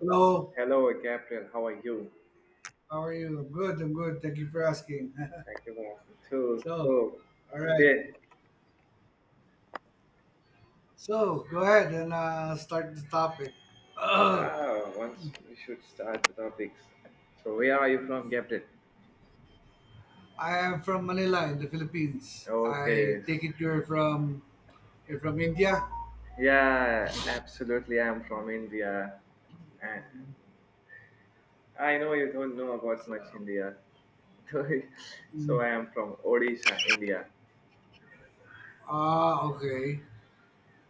Hello, Hello, Gabriel. How are you? how are you? I'm good, I'm good. Thank you for asking. Thank you for two. so, Oh, all right. yeah. So, go ahead and start the topic. I Ah, once we should start the topics. So, where are you from, Gabriel? am from Manila in the Philippines. Okay. I take s- it you're from India. Yeah, absolutely. I'm from India, and I know you don't know about much So, India. So mm, I am from Odisha, India. Okay.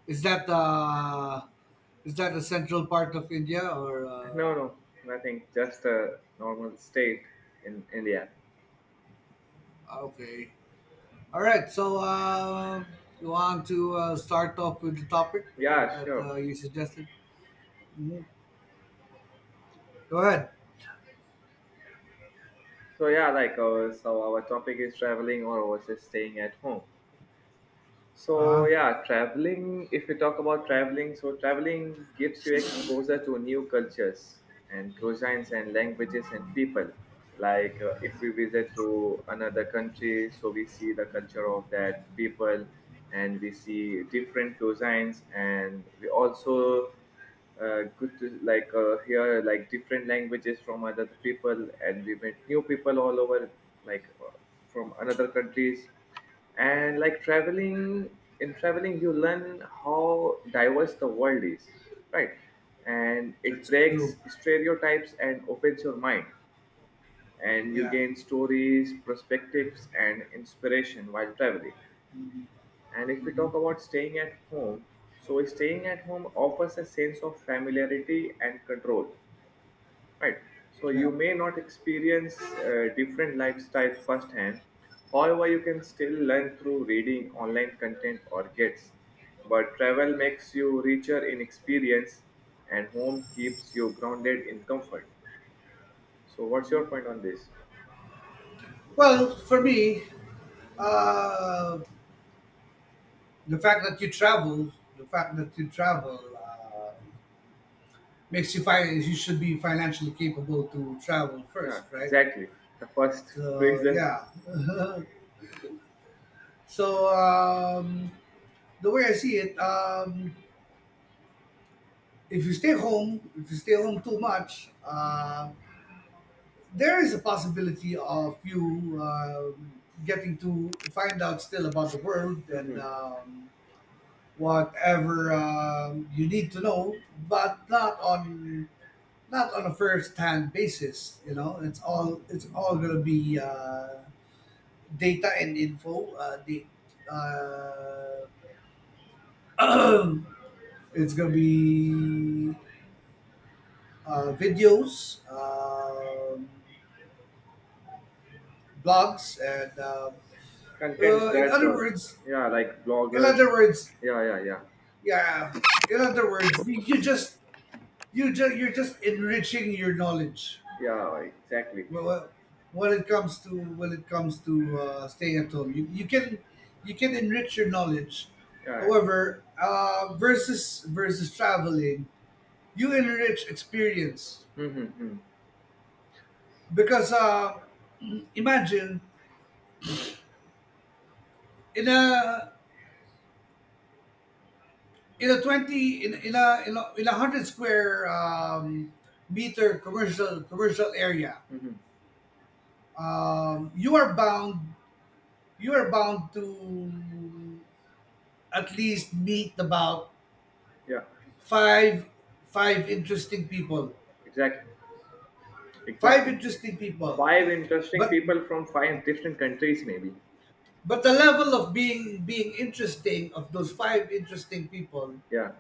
Is that uh, is that the central part of India or No, no, nothing. Just a normal state in India. ah, okay? All right. You want to start off with the topic Yeah, that sure. You suggested? Mhm. Go ahead. So yeah, so our topic is traveling or was it staying at home. So Uh, yeah, traveling. If we talk about traveling, so traveling gives you exposure to new cultures and cuisines and languages and people. If we visit to another country, so we see the culture of that people, and we see different cuisines, and we also good to hear like different languages from other people, and we met new people all over like uh, from another countries. And like traveling, in traveling you learn how diverse the world is, right? And it It's breaks slow. stereotypes and opens your mind, and you Yeah. gain stories, perspectives and inspiration while traveling. And if we Hmm. talk about staying at home, so staying at home offers a sense of familiarity and control, right? So Yeah. you may not experience different lifestyle firsthand. However, you can still learn through reading online content or gets. But travel makes you richer in experience, and home keeps you grounded in comfort. So, what's your point on this? Well, for me, uh, the fact that you travel uh, makes you you should be financially capable to travel Yeah, first, right? exactly. The first So reason. yeah. so um, the way I see it, if you stay home too much, there is a possibility of you getting to find out still about the world and whatever you need to know, but not on not on a first-hand basis. You know, it's all gonna be data and info. The uh, it's gonna be videos, blogs, and Contents in that other words. yeah, like In bloggers. other words, Yeah, yeah. In other words, you just you're just enriching your knowledge. yeah exactly. Well, when it comes to when it comes to staying at home, you can enrich your knowledge. Yeah. However, versus traveling, you enrich experience Mm-hmm. because imagine in a in a 20 in, in a in a, in a 100 square meter commercial area. Mm-hmm. You are bound you are bound to at least meet about Yeah, five five interesting people. exactly. five Exactly. interesting people Five interesting but people from five different countries maybe. The level of being interesting of those five interesting people Yeah.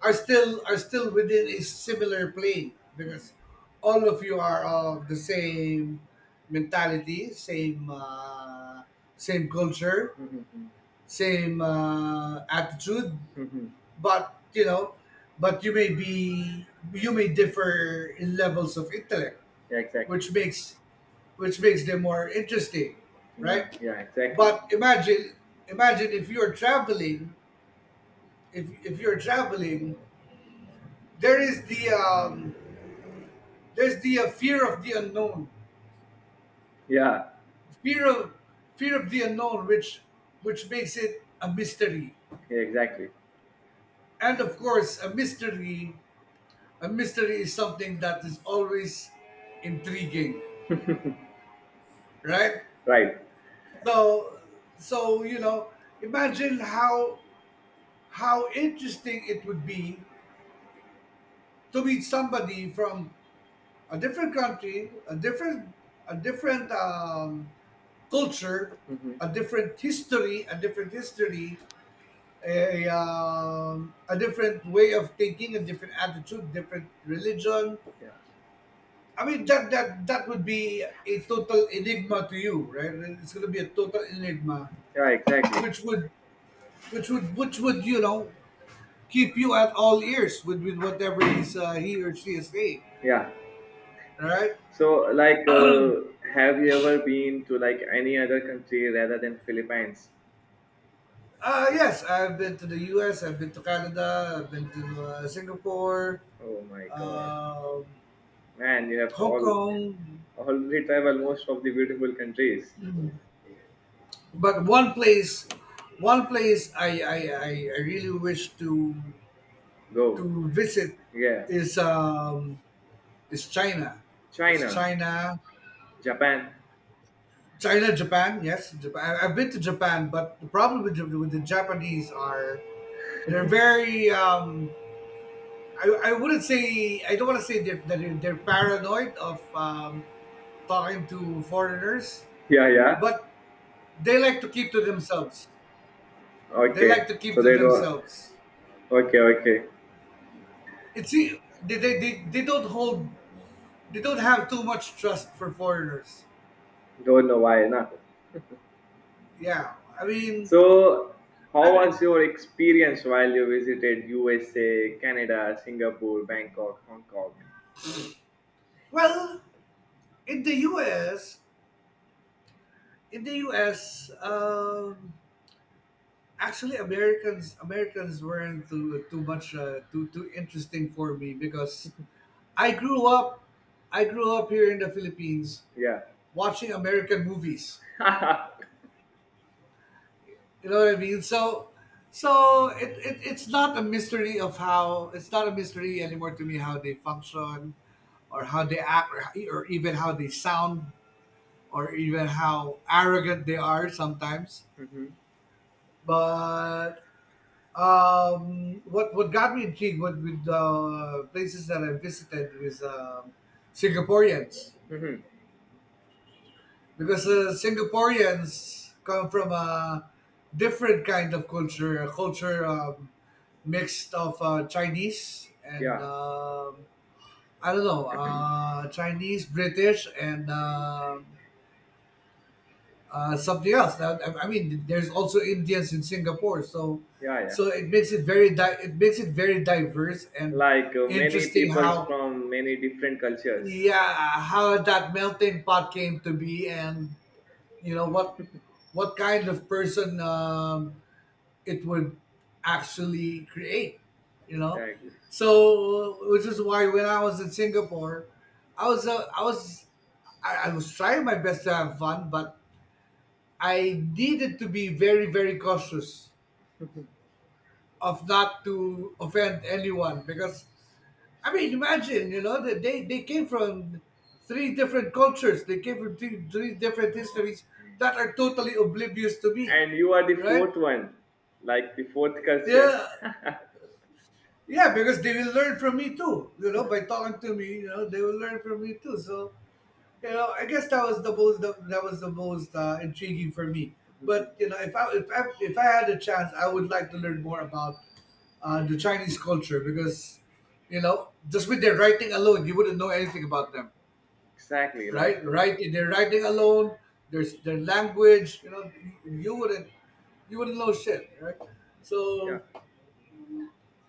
are still within a similar plane, because all of you are of the same mentality, same same culture, Mm-hmm. same attitude. Mm-hmm. But you know, but you may be, you may differ in levels of intellect, Yeah, exactly. which makes, which makes them more interesting, yeah right? yeah exactly. But imagine, if you're traveling, if you're traveling, there is the there's the fear of the unknown, Yeah. fear of fear of the unknown which makes it a mystery. Yeah, exactly. And of course a mystery, a mystery is something that is always intriguing, right? Right. So, so you know, imagine how interesting it would be to meet somebody from a different country, a different, a different culture, Mm-hmm. a different history, a different way of thinking, a different attitude, different religion. yeah I mean, that would be a total enigma to you, right? It's going to be a total enigma, yeah, exactly. which would, which would, you know, keep you at all ears with whatever he or she is saying. Yeah. All right. So like uh, have you ever been to like any other country rather than Philippines? Uh, yes, I've been to the US, I've been to Canada, I've been to Singapore, Oh my God, um, man! You have Hong all Kong. already traveled most of the beautiful countries. But one place, I really wish Go, to visit yeah, is is china is China, China. Japan. China, Japan, yes, Japan. I- have been to Japan, but with the Japanese, are they're very. I wouldn't say, I don't want to say they're paranoid of talking to foreigners, Yeah, yeah. but they like to keep to themselves. They Okay, like to so keep to they don't. themselves. Okay, okay. They don't hold, they don't have too much trust for foreigners. Don't know why, nah. Yeah, So, I how mean, was your experience while you visited USA, Canada, Singapore, Bangkok, Hong Kong? well, in the U.S. in the U.S., actually, Americans weren't too much too interesting for me, because I grew up I grew up here in the Philippines Yeah. watching American movies. You know what I mean? So, so it's not a mystery anymore to me how they function, or how they act, or even how they sound, or even how arrogant they are sometimes. Hmm. But what got me intrigued with places that I visited was Singaporeans, Hmm. because Singaporeans come from a different kind of culture, a culture mixed of Chinese and Yeah, I don't know Chinese, British, and something else. Now, I mean, there's also Indians in Singapore. So, yeah, yeah. so it makes it very it makes it very diverse and Many interesting peoples how, from many different cultures. yeah, how that melting pot came to be, and you know what kind of person it would actually create, you know. Exactly. So, which is why when I was in Singapore, I was, I was trying my best to have fun, but I needed to be very, very cautious of not to offend anyone because, I mean, imagine, you know, that they came from three different cultures, they came from three different histories that are totally oblivious to me, And you are the right? fourth one, like the fourth culture. Yeah, yeah, because they will learn from me too. You know, by talking to me, you know, they will learn from me too. So you know, I guess that was the most that was the most intriguing for me. But you know, if I had a chance, I would like to learn more about the Chinese culture because, you know, just with their writing alone, you wouldn't know anything about them, Exactly, right? Right, their writing alone, their language, you know, you wouldn't you wouldn't know shit, right? yeah. So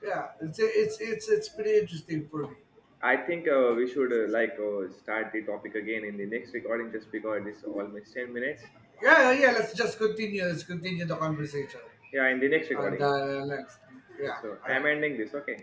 yeah, it's pretty interesting for me. I think we should, start the topic again in the next recording just because it's almost 10 minutes. Yeah, yeah. Let's just continue. Let's continue the conversation. Yeah, in the next And recording. Next, Okay, yeah, so all I'm ending right. this. Okay.